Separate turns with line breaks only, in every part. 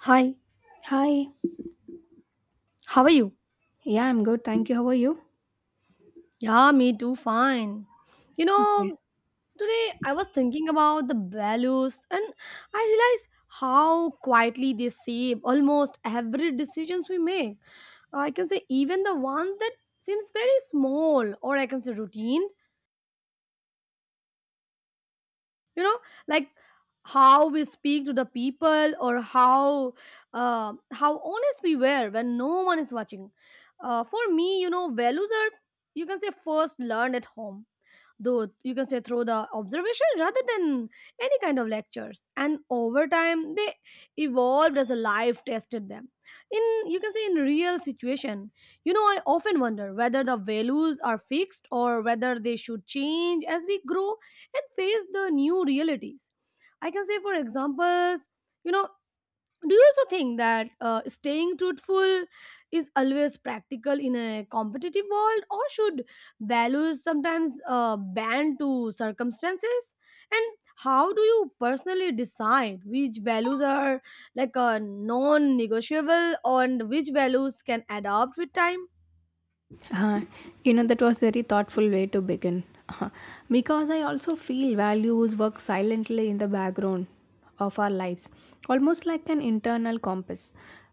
Hi,
Hi.
how are you?
Yeah, I'm good. Thank you. How are you?
Yeah, me too, fine. You
Okay.
know, today I was thinking about the values, and I realized how quietly they shape almost every decisions we make. I can say even the ones that seems very small, or I can say routine. you know like how we speak to the people, or how honest we were when no one is watching. For me, values are, you can say, first learned at home, though, you can say, through the observation rather than any kind of lectures. And over time they evolved as a life tested them in, you can say, in real situation. I often wonder whether the values are fixed or whether they should change as we grow and face the new realities. I can say, for examples, you know, do you also think that staying truthful is always practical in a competitive world, or should values sometimes bend to circumstances? And how do you personally decide which values are, like, a non-negotiable and which values can adapt with time?
Uh, you know, that was very thoughtful way to begin. Uh, because I also feel values work silently in the background of our lives, almost like an internal compass.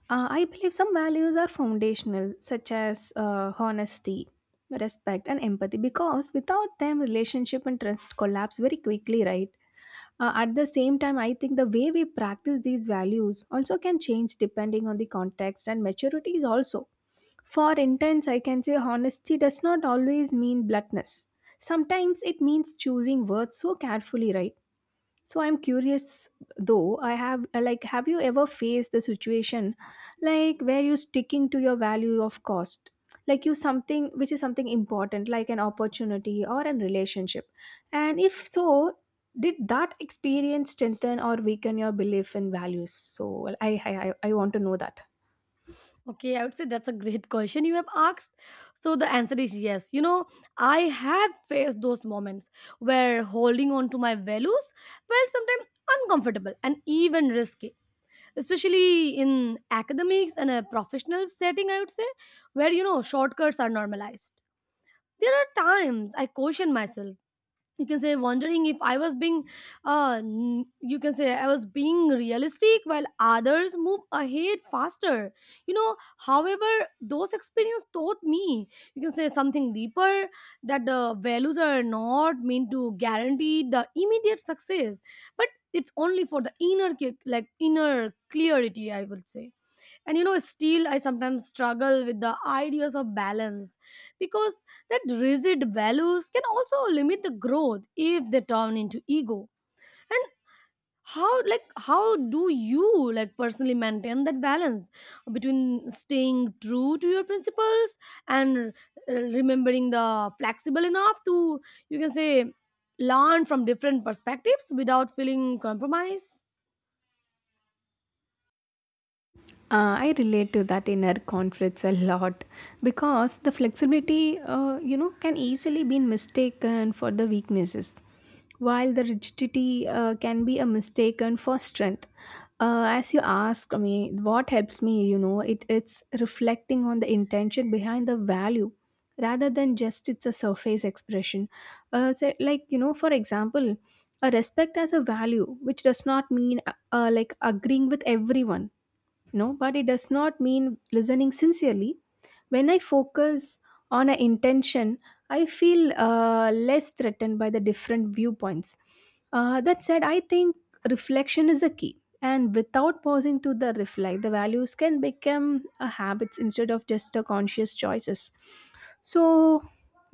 I believe some values are foundational, such as honesty, respect, and empathy, because without them, relationship and trust collapse very quickly, right? At the same time, I think the way we practice these values also can change depending on the context and maturities also. For intense, I can say honesty does not always mean bluntness. Sometimes it means choosing words so carefully, right? So I'm curious though, I have like have you ever faced the situation like where you sticking to your value of cost? Like you something which is something important, like an opportunity or an relationship. And if so, did that experience strengthen or weaken your belief in values? So well, I want to know that.
Okay, I would say that's a great question you have asked. So the answer is yes. I have faced those moments where holding on to my values felt sometimes uncomfortable and even risky, especially in academics and a professional setting, I would say, where shortcuts are normalized. There are times I caution myself, you can say, wondering if I was being uh n- you can say I was being realistic while others move ahead faster. You know however those experience taught me, you can say, something deeper, that the values are not meant to guarantee the immediate success, but it's only for the inner ca- like inner clarity, I would say. And still I sometimes struggle with the ideas of balance, because that rigid values can also limit the growth if they turn into ego. And how do you, like, personally maintain that balance between staying true to your principles and remembering the flexible enough to, you can say, learn from different perspectives without feeling compromised.
I relate to that inner conflicts a lot because the flexibility, you know, can easily be mistaken for the weaknesses, while the rigidity can be a mistaken for strength. As you ask me, what helps me, you know, it's reflecting on the intention behind the value rather than just it's a surface expression. So like, you know, for example, a respect as a value, which does not mean like agreeing with everyone no, but it does not mean listening sincerely. When I focus on an intention, I feel less threatened by the different viewpoints. That said, I think reflection is the key. And without pausing to the reflect, the values can become a habits instead of just a conscious choices. So,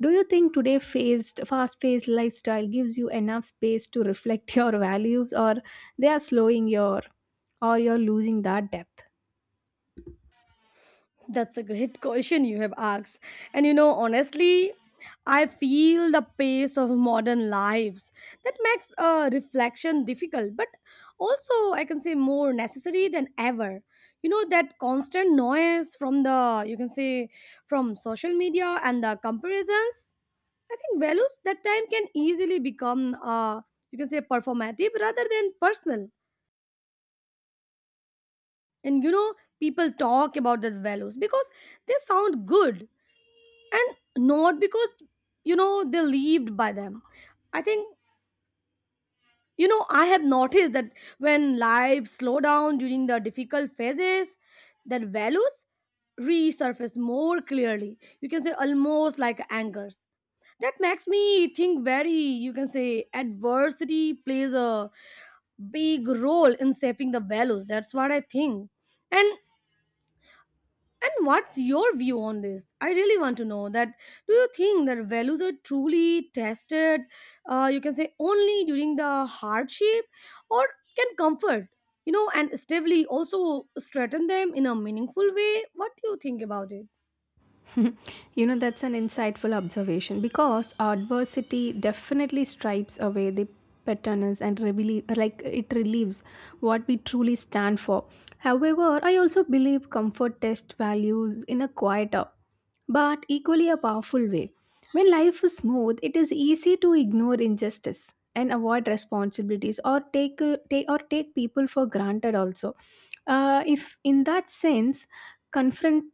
do you think today phased, fast-paced lifestyle gives you enough space to reflect your values, or they are slowing your, or you're losing that depth?
That's a great question you have asked. And honestly, I feel the pace of modern lives that makes reflection difficult, but also I can say more necessary than ever. That constant noise from the, you can say, from social media and the comparisons, I think values that time can easily become, you can say, performative rather than personal. And people talk about the values because they sound good, and not because they're lived by them. I think I have noticed that when lives slow down during the difficult phases, that values resurface more clearly, you can say almost like angers, that makes me think very, you can say, adversity plays a big role in shaping the values, that's what I think. And And what's your view on this? I really want to know that. Do you think that values are truly tested, you can say, only during the hardship, or can comfort and stably also strengthen them in a meaningful way? What do you think about it?
You know, that's an insightful observation because adversity definitely stripes away the patterns and reveal, like it relieves what we truly stand for. However, I also believe comfort tests values in a quieter but equally a powerful way. When life is smooth, it is easy to ignore injustice and avoid responsibilities, or take people for granted also. If in that sense, confront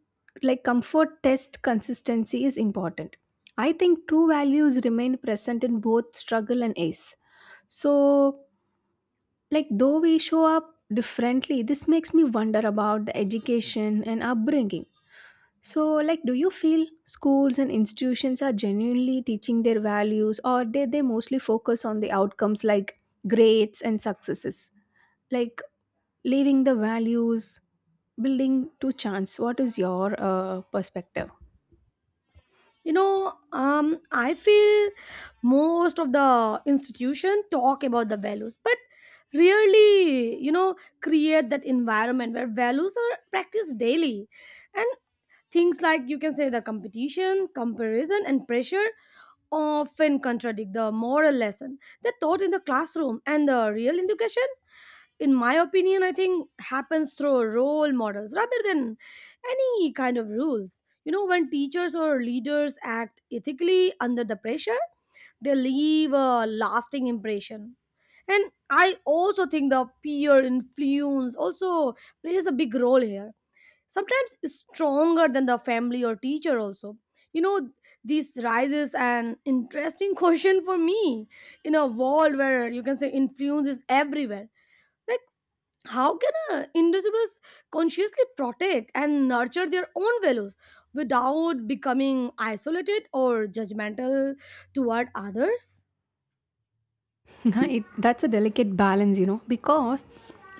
like comfort test consistency is important. I think true values remain present in both struggle and ace. So like, though we show up differently, this makes me wonder about the education and upbringing. So like, do you feel schools and institutions are genuinely teaching their values, or did they mostly focus on the outcomes like grades and successes, like leaving the values building to chance? What is your perspective?
I feel most of the institution talk about the values, but rarely create that environment where values are practiced daily. And things like, you can say, the competition comparison and pressure often contradict the moral lesson that taught in the classroom. And the real education, in my opinion, I think happens through role models rather than any kind of rules. When teachers or leaders act ethically under the pressure, they leave a lasting impression. And I also think the peer influence also plays a big role here, sometimes stronger than the family or teacher also you know this raises an interesting question for me. In a world where, you can say, influence is everywhere, like, how can individuals consciously protect and nurture their own values without becoming isolated or judgmental toward others?
That's a delicate balance, you know, because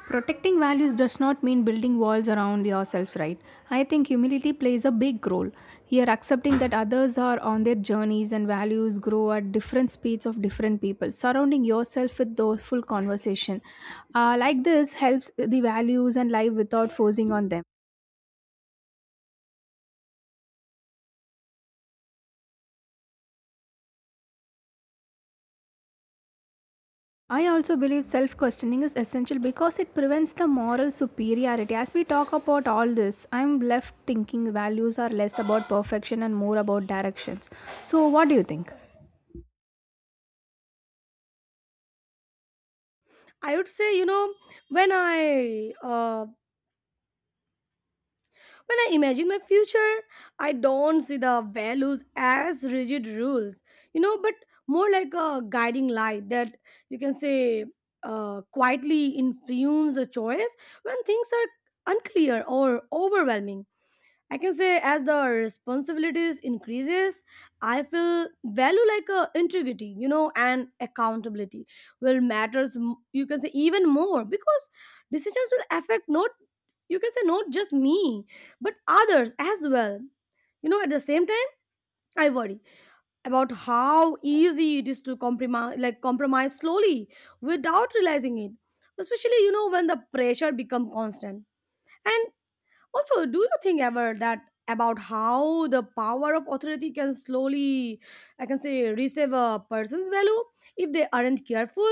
protecting values does not mean building walls around yourselves, right? I think humility plays a big role. Here, accepting that others are on their journeys and values grow at different speeds of different people. Surrounding yourself with those full conversation, like this, helps the values and life without forcing on them. I also believe self questioning is essential because it prevents the moral superiority. As we talk about all this, I'm left thinking values are less about perfection and more about directions. So, what do you think?
I would say, when i uh, When I imagine my future, I don't see the values as rigid rules but more like a guiding light that, you can say, quietly influence the choice when things are unclear or overwhelming. I can say as the responsibilities increases, I feel value like a integrity and accountability will matters. You can say even more, because decisions will affect not, you can say, not just me but others as well. At the same time, I worry about how easy it is to compromise, like compromise slowly without realizing it. Especially when the pressure become constant and. Also, do you think ever that about how the power of authority can slowly, I can say, receive a person's value if they aren't careful?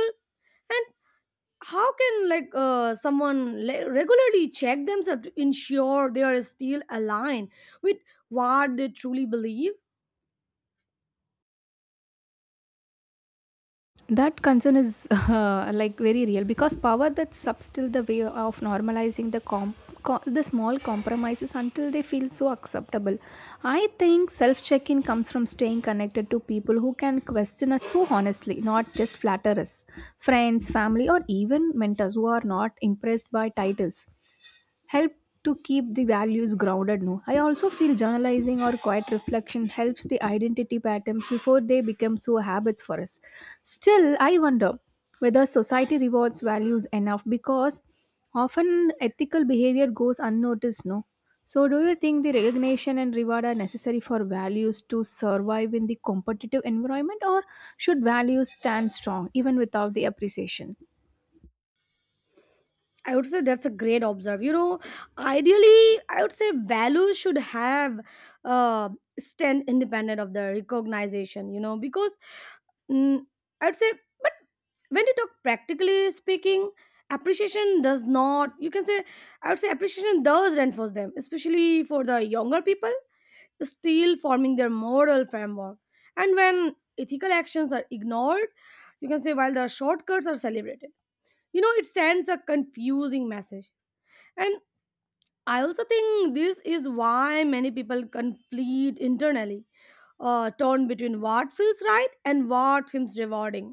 And how can, like, someone regularly check themselves to ensure they are still aligned with what they truly believe?
That concern is like very real, because power that subs still the way of normalizing the the small compromises until they feel so acceptable. I think self check-in comes from staying connected to people who can question us so honestly, not just flatter us. Friends, family, or even mentors who are not impressed by titles help to keep the values grounded. No, I also feel journalizing or quiet reflection helps the identity patterns before they become so habits for us. Still, I wonder whether society rewards values enough, because often ethical behavior goes unnoticed. No, so do you think the recognition and reward are necessary for values to survive in the competitive environment, or should values stand strong even without the appreciation?
I would say that's a great observe. Ideally, I would say values should have uh, stand independent of the recognition. You know, because mm, I would say, but when you talk practically speaking, appreciation does not. You can say I would say appreciation does reinforce them, especially for the younger people still forming their moral framework. And when ethical actions are ignored, you can say while the shortcuts are celebrated, it sends a confusing message. And I also think this is why many people conflict internally, torn between what feels right and what seems rewarding.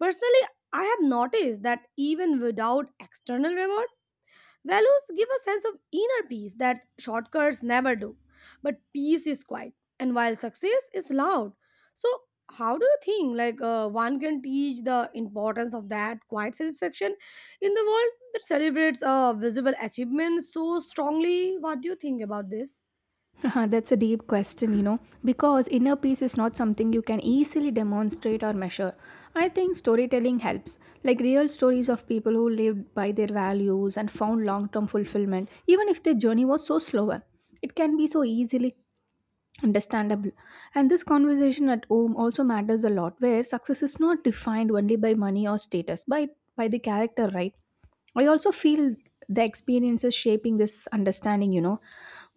Personally, I have noticed that even without external reward, values give a sense of inner peace that shortcuts never do. But peace is quiet, and while success is loud. So, how do you think, like, one can teach the importance of that quiet satisfaction in the world that celebrates visible achievements so strongly? What do you think about this?
Uh-huh, that's a deep question, you know, because inner peace is not something you can easily demonstrate or measure. I think storytelling helps, like real stories of people who lived by their values and found long term fulfillment, even if their journey was so slower. It can be so easily understandable. And this conversation at home also matters a lot, where success is not defined only by money or status, by the character, right? I also feel the experiences shaping this understanding, you know.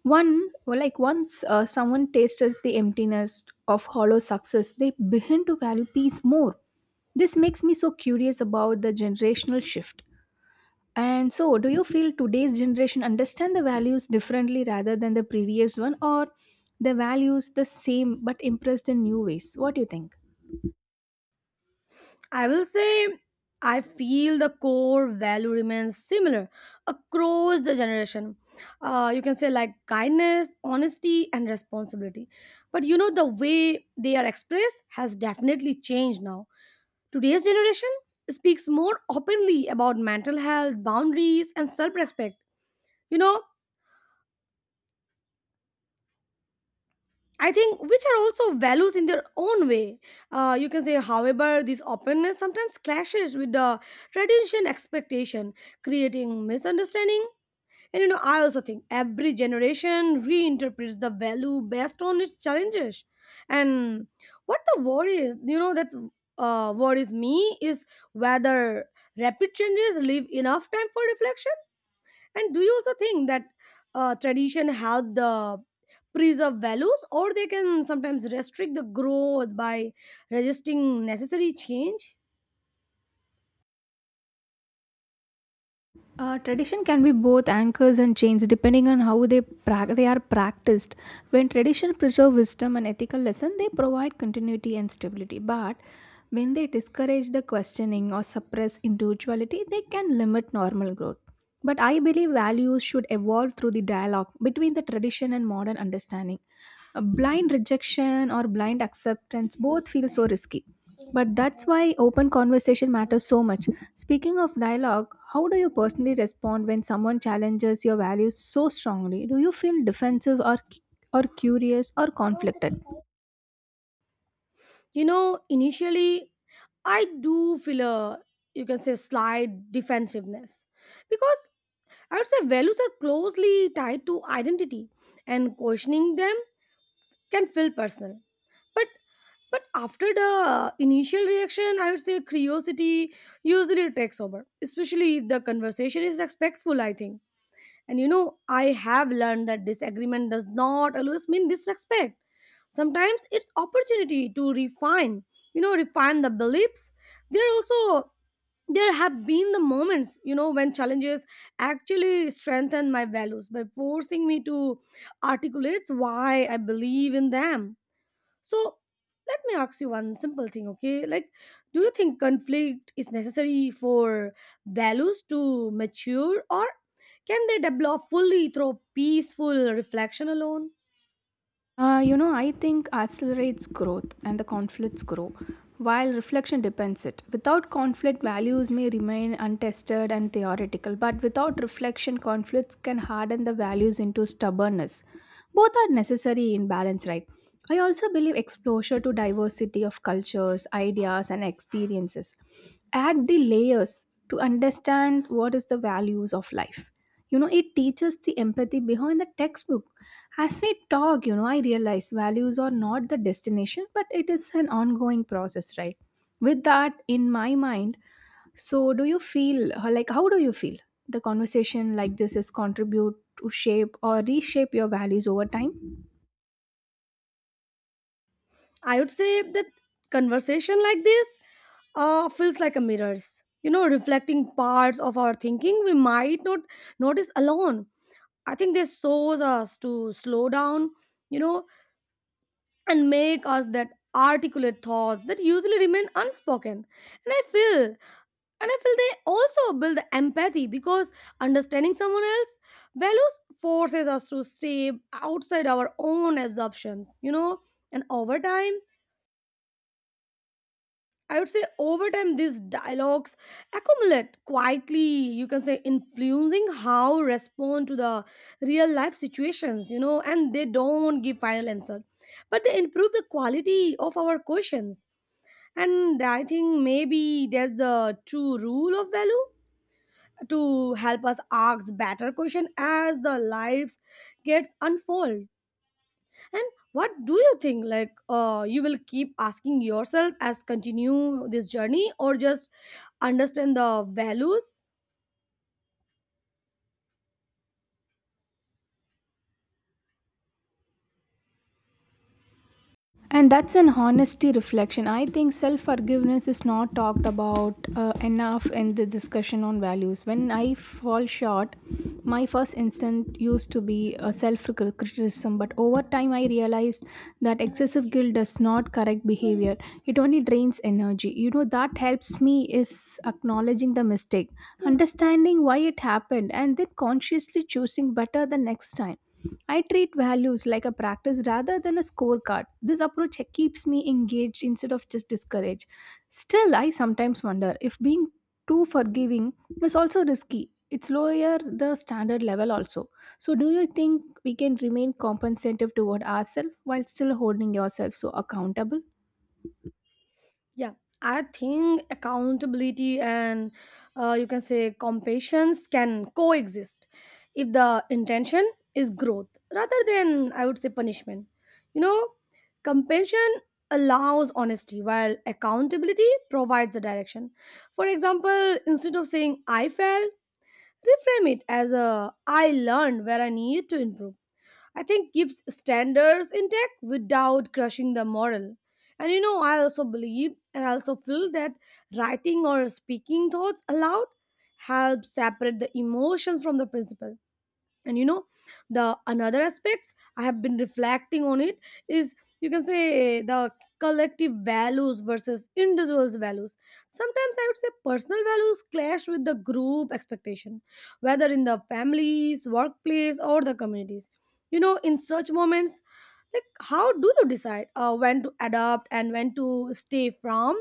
One well, like once someone tastes the emptiness of hollow success, they begin to value peace more. This makes me so curious about the generational shift. And so, do you feel today's generation understand the values differently rather than the previous one, or the values the same but impressed in new ways? What do you think?
I will say I feel the core value remains similar across the generation. You can say like kindness, honesty, and responsibility. But the way they are expressed has definitely changed now. Today's generation speaks more openly about mental health, boundaries, and self respect. You know, I think which are also values in their own way. You can say, however, this openness sometimes clashes with the tradition expectation, creating misunderstanding. And I also think every generation reinterprets the value based on its challenges. And what the worry is that's worries me is whether rapid changes leave enough time for reflection. And do you also think that tradition help the preserve values, or they can sometimes restrict the growth by resisting necessary change?
Tradition can be both anchors and chains depending on how they are practiced. When tradition preserve wisdom and ethical lesson, they provide continuity and stability. But when they discourage the questioning or suppress individuality, they can limit normal growth. But I believe values should evolve through the dialogue between the tradition and modern understanding. A blind rejection or blind acceptance both feel so risky. But that's why open conversation matters so much. Speaking of dialogue, how do you personally respond when someone challenges your values so strongly? Do you feel defensive, or curious or conflicted?
Initially, I do feel a, you can say, slight defensiveness, because I would say values are closely tied to identity, and questioning them can feel personal. But But after the initial reaction, I would say curiosity usually takes over, especially if the conversation is respectful, I think. And I have learned that disagreement does not always mean disrespect. Sometimes it's opportunity to refine the beliefs. There also there have been the moments when challenges actually strengthen my values by forcing me to articulate why I believe in them. So let me ask you one simple thing, okay? Like, do you think conflict is necessary for values to mature, or can they develop fully through peaceful reflection alone?
I think accelerates growth and the conflicts grow, while reflection depends it. Without conflict, values may remain untested and theoretical, but without reflection, conflicts can harden the values into stubbornness. Both are necessary in balance, right? I also believe exposure to diversity of cultures, ideas, and experiences add the layers to understand what is the values of life. You know, it teaches the empathy behind the textbook. As we talk, you know, I realize values are not the destination but it is an ongoing process, right? With that in my mind, so do you feel, like, how do you feel the conversation like this is contribute to shape or reshape your values over time?
I would say that conversation like this feels like a mirrors, reflecting parts of our thinking we might not notice alone. I think this shows us to slow down, you know and make us that articulate thoughts that usually remain unspoken. And I feel they also build the empathy, because understanding someone else values forces us to step outside our own assumptions. And over time, I would say, over time these dialogues accumulate quietly, you can say, influencing how we respond to the real life situations. And they don't give final answer, but they improve the quality of our questions. And I think maybe there's the true rule of value to help us ask better question as the lives gets unfold. And what do you think? Like, you will keep asking yourself as continue this journey or just understand the values?
And that's an honesty reflection. I think self forgiveness is not talked about enough in the discussion on values. When I fall short, my first instinct used to be a self criticism, but over time I realized that excessive guilt does not correct behavior. It only drains energy. You know, that helps me is acknowledging the mistake, understanding why it happened, and then consciously choosing better the next time. I treat values like a practice rather than a scorecard. This approach keeps me engaged instead of just discouraged. Still, I sometimes wonder if being too forgiving is also risky. It's lower the standard level also. So, do you think we can remain compensative toward ourselves while still holding yourself so accountable?
Yeah, I think accountability and you can say compassion can coexist if the intention is growth rather than, I would say, punishment. You know, compassion allows honesty while accountability provides the direction. For example, instead of saying I fell, reframe it as a I learned where I need to improve, I think keeps standards intact without crushing the moral. And I also believe and I also feel that writing or speaking thoughts aloud helps separate the emotions from the principle, and the another aspects I have been reflecting on it is you can say the collective values versus individuals values. Sometimes I would say personal values clash with the group expectation, whether in the families, workplace, or the communities. You know, in such moments, like how do you decide when to adopt and when to stay from,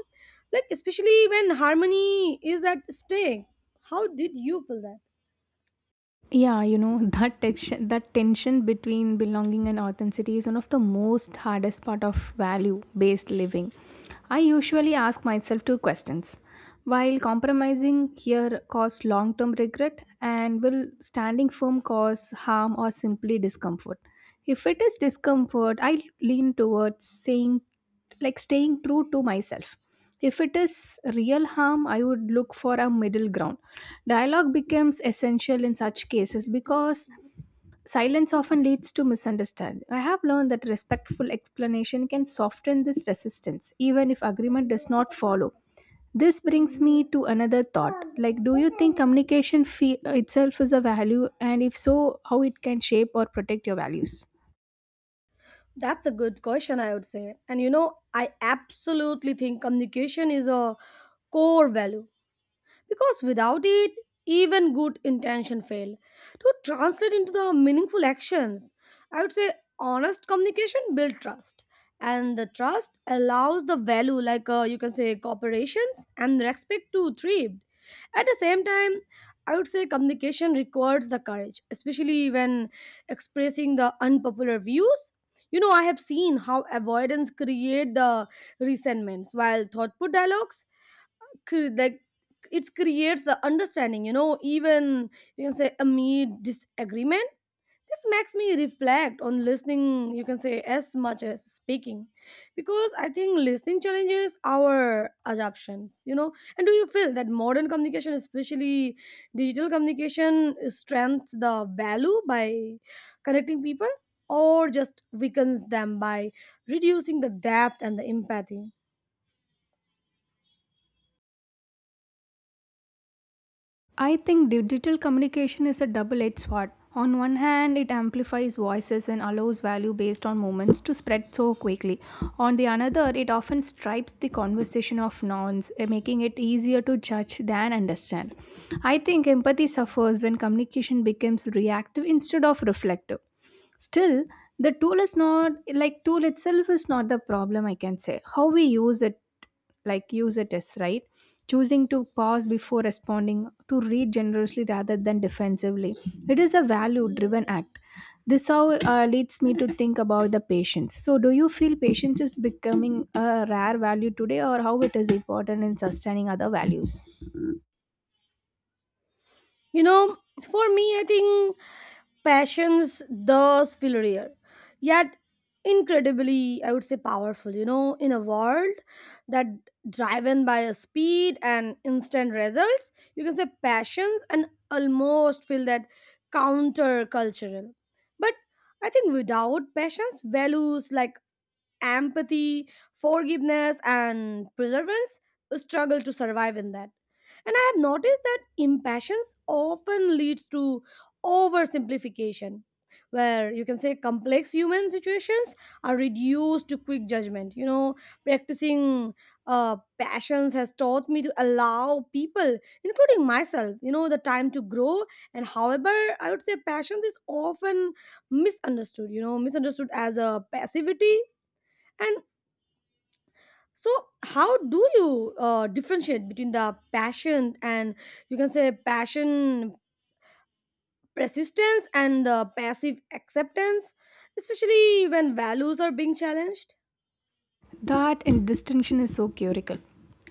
like especially when harmony is at stake? How did you feel that?
Yeah, you know, that tension between belonging and authenticity is one of the most hardest part of value-based living. I usually ask myself two questions. While compromising here cause long-term regret and will standing firm cause harm or simply discomfort? If it is discomfort, I lean towards saying like staying true to myself. If it is real harm, I would look for a middle ground. Dialogue becomes essential in such cases because silence often leads to misunderstanding. I have learned that respectful explanation can soften this resistance, even if agreement does not follow. This brings me to another thought. Like, do you think communication fee itself is a value? And if so, how it can shape or protect your values?
That's a good question, I would say. And you know, I absolutely think communication is a core value, because without it even good intention fail to translate into the meaningful actions. I would say honest communication build trust, and the trust allows the value like you can say cooperations and respect to thrive. At the same time, I would say communication requires the courage, especially when expressing the unpopular views. You know, I have seen how avoidance create the resentments, while thoughtful dialogues like, it creates the understanding, you know, even you can say amid disagreement. This makes me reflect on listening, you can say as much as speaking, because I think listening challenges our assumptions, you know. And do you feel that modern communication, especially digital communication, strengthens the value by connecting people, or just weakens them by reducing the depth and the empathy?
I think digital communication is a double edged sword. On one hand, it amplifies voices and allows value based on moments to spread so quickly. On the another, it often stripes the conversation of nouns, eh, making it easier to judge than understand. I think empathy suffers when communication becomes reactive instead of reflective. Still, the tool is not like tool itself is not the problem, I can say. How we use it, is right, choosing to pause before responding, to read generously rather than defensively. It is a value driven act. This how leads me to think about the patience. So, do you feel patience is becoming a rare value today, or how it is important in sustaining other values?
You know, for me I think passions thus feel yet incredibly, I would say, powerful. You know, in a world that driven by a speed and instant results, you can say passions and almost feel that counter cultural. But I think without passions, values like empathy, forgiveness, and perseverance struggle to survive in that. And I have noticed that impatience often leads to oversimplification, where you can say complex human situations are reduced to quick judgment. You know, practicing passions has taught me to allow people, including myself, you know, the time to grow. And however, I would say passions is often misunderstood, you know, misunderstood as a passivity. And so, how do you differentiate between the passion and you can say passion persistence and the passive acceptance, especially when values are being challenged?
That in distinction is so curical.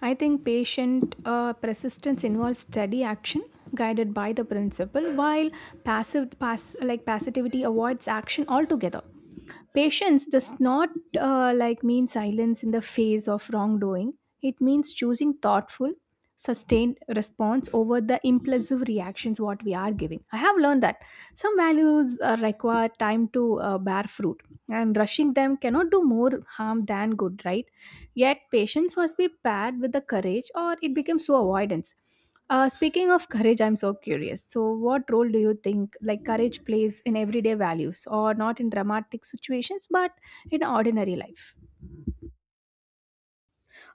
I think patient persistence involves steady action guided by the principle, while passive like passivity avoids action altogether. Patience does not like mean silence in the face of wrongdoing. It means choosing thoughtful, sustained response over the impulsive reactions what we are giving. I have learned that some values require time to bear fruit, and rushing them cannot do more harm than good, right? Yet patience must be paired with the courage, or it becomes so avoidance. Speaking of courage, I'm so curious. So, what role do you think like courage plays in everyday values, or not in dramatic situations, but in ordinary life?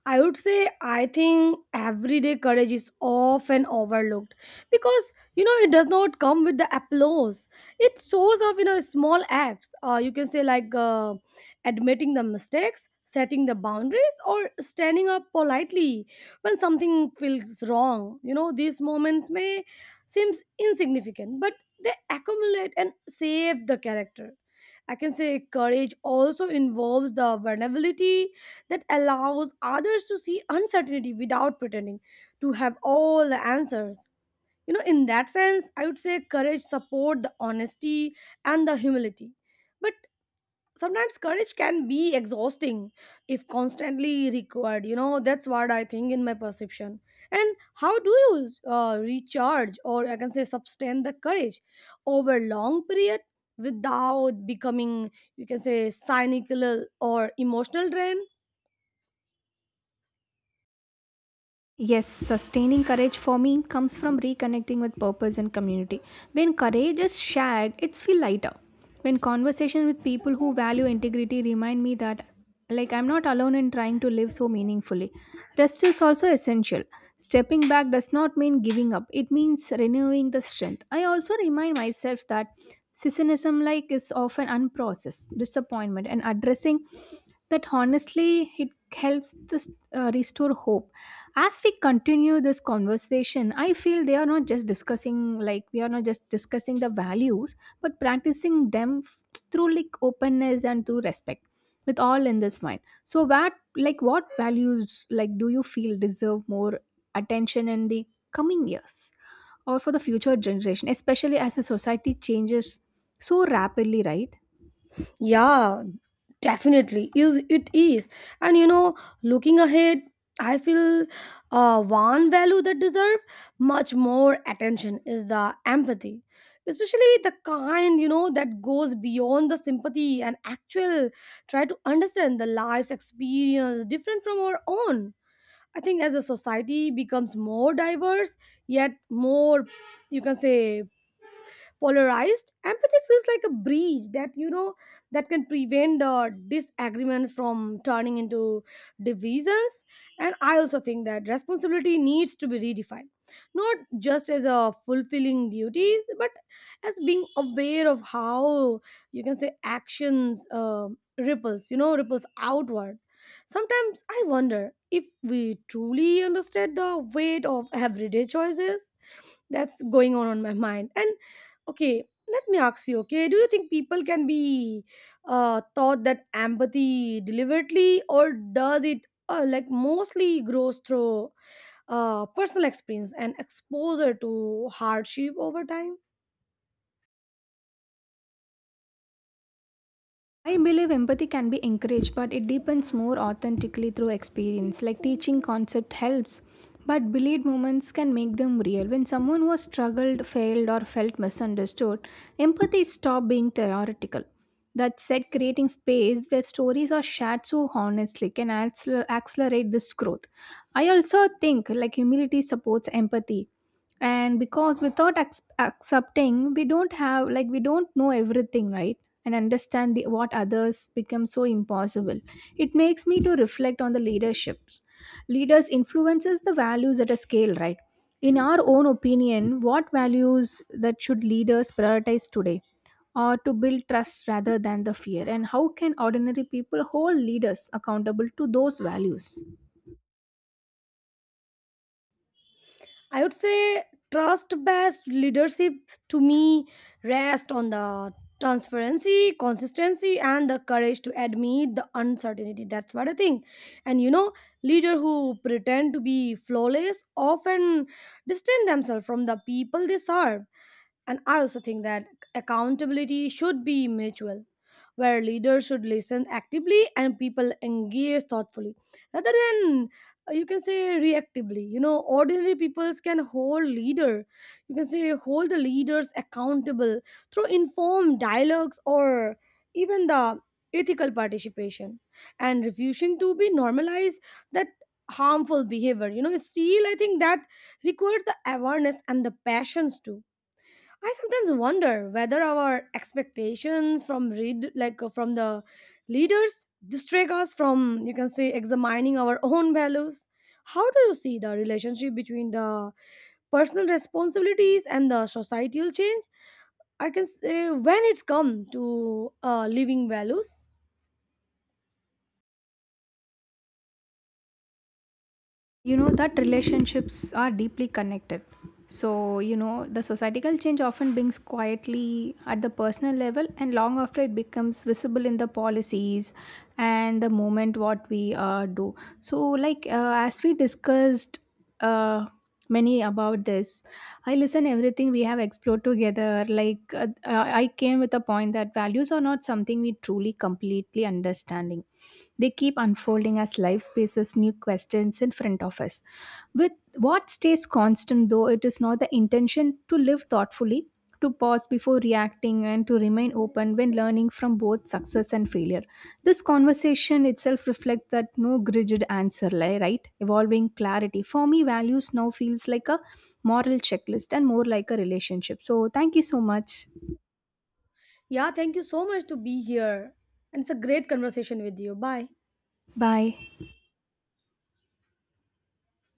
I would say I think everyday courage is often overlooked, because you know it does not come with the applause. It shows up in a small acts. You can say like admitting the mistakes, setting the boundaries, or standing up politely when something feels wrong. You know, these moments may seems insignificant, but they accumulate and save the character. I can say courage also involves the vulnerability that allows others to see uncertainty without pretending to have all the answers. You know, in that sense, I would say courage support the honesty and the humility. But sometimes courage can be exhausting if constantly required, you know, that's what I think in my perception. And how do you recharge or I can say sustain the courage over long period without becoming you can say cynical or emotional drain?
Yes, sustaining courage for me comes from reconnecting with purpose and community. When courage is shared, it's feel lighter. When conversation with people who value integrity remind me that like I'm not alone in trying to live so meaningfully. Rest is also essential. Stepping back does not mean giving up. It means renewing the strength. I also remind myself that cynicism like is often unprocessed disappointment, and addressing that honestly it helps this restore hope. As we continue this conversation, I feel they are not just discussing like we are not just discussing the values, but practicing them through like openness and through respect. With all in this mind, so what values like do you feel deserve more attention in the coming years, or for the future generation, especially as the society changes so rapidly, right?
Yeah, definitely is it is. And you know, looking ahead, I feel one value that deserve much more attention is the empathy, especially the kind you know that goes beyond the sympathy and actual try to understand the life's experience different from our own. I think as a society becomes more diverse, yet more you can say polarized, empathy feels like a bridge that you know that can prevent disagreements from turning into divisions. And I also think that responsibility needs to be redefined, not just as a fulfilling duties but as being aware of how you can say actions ripples, you know, ripples outward. Sometimes I wonder if we truly understand the weight of everyday choices. That's going on my mind. And okay, let me ask you, okay, do you think people can be taught that empathy deliberately, or does it like mostly grows through personal experience and exposure to hardship over time?
I believe empathy can be encouraged, but it deepens more authentically through experience. Like teaching concept helps, but believed moments can make them real. When someone was struggled, failed, or felt misunderstood, empathy stopped being theoretical. That said, creating space where stories are shared so honestly can accelerate this growth. I also think like humility supports empathy, and because without accepting, we don't know everything, right? And understand what others become so impossible. It makes me to reflect on the leaders influences the values at a scale, right? In our own opinion, what values that should leaders prioritize today, or to build trust rather than the fear, and how can ordinary people hold leaders accountable to those values?
I would say trust based leadership, to me, rests on the transparency, consistency, and the courage to admit the uncertainty. That's what I think. And you know, leaders who pretend to be flawless often distance themselves from the people they serve. And I also think that accountability should be mutual, where leaders should listen actively and people engage thoughtfully rather than you can say reactively. You know, ordinary peoples can hold leader, you can say hold the leaders accountable through informed dialogues or even the ethical participation, and refusing to be normalized that harmful behavior. You know, still I think that requires the awareness and the passions too. I sometimes wonder whether our expectations from read like from the leaders distract us from you can say examining our own values. How do you see the relationship between the personal responsibilities and the societal change? I can say when it's come to living values.
You know, that relationships are deeply connected. So, you know, the societal change often brings quietly at the personal level and long after it becomes visible in the policies and the moment what we do. So like, as we discussed uh, many about this, I listen everything we have explored together, like I came with a point that values are not something we truly completely understanding. They keep unfolding as life spaces new questions in front of us. With what stays constant, though, it is not the intention to live thoughtfully, to pause before reacting, and to remain open when learning from both success and failure. This conversation itself reflects that no rigid answer, right? Evolving clarity. For me, values now feels like a moral checklist and more like a relationship. So, thank you so much.
Yeah, thank you so much to be here, and it's a great conversation with you. Bye.
Bye.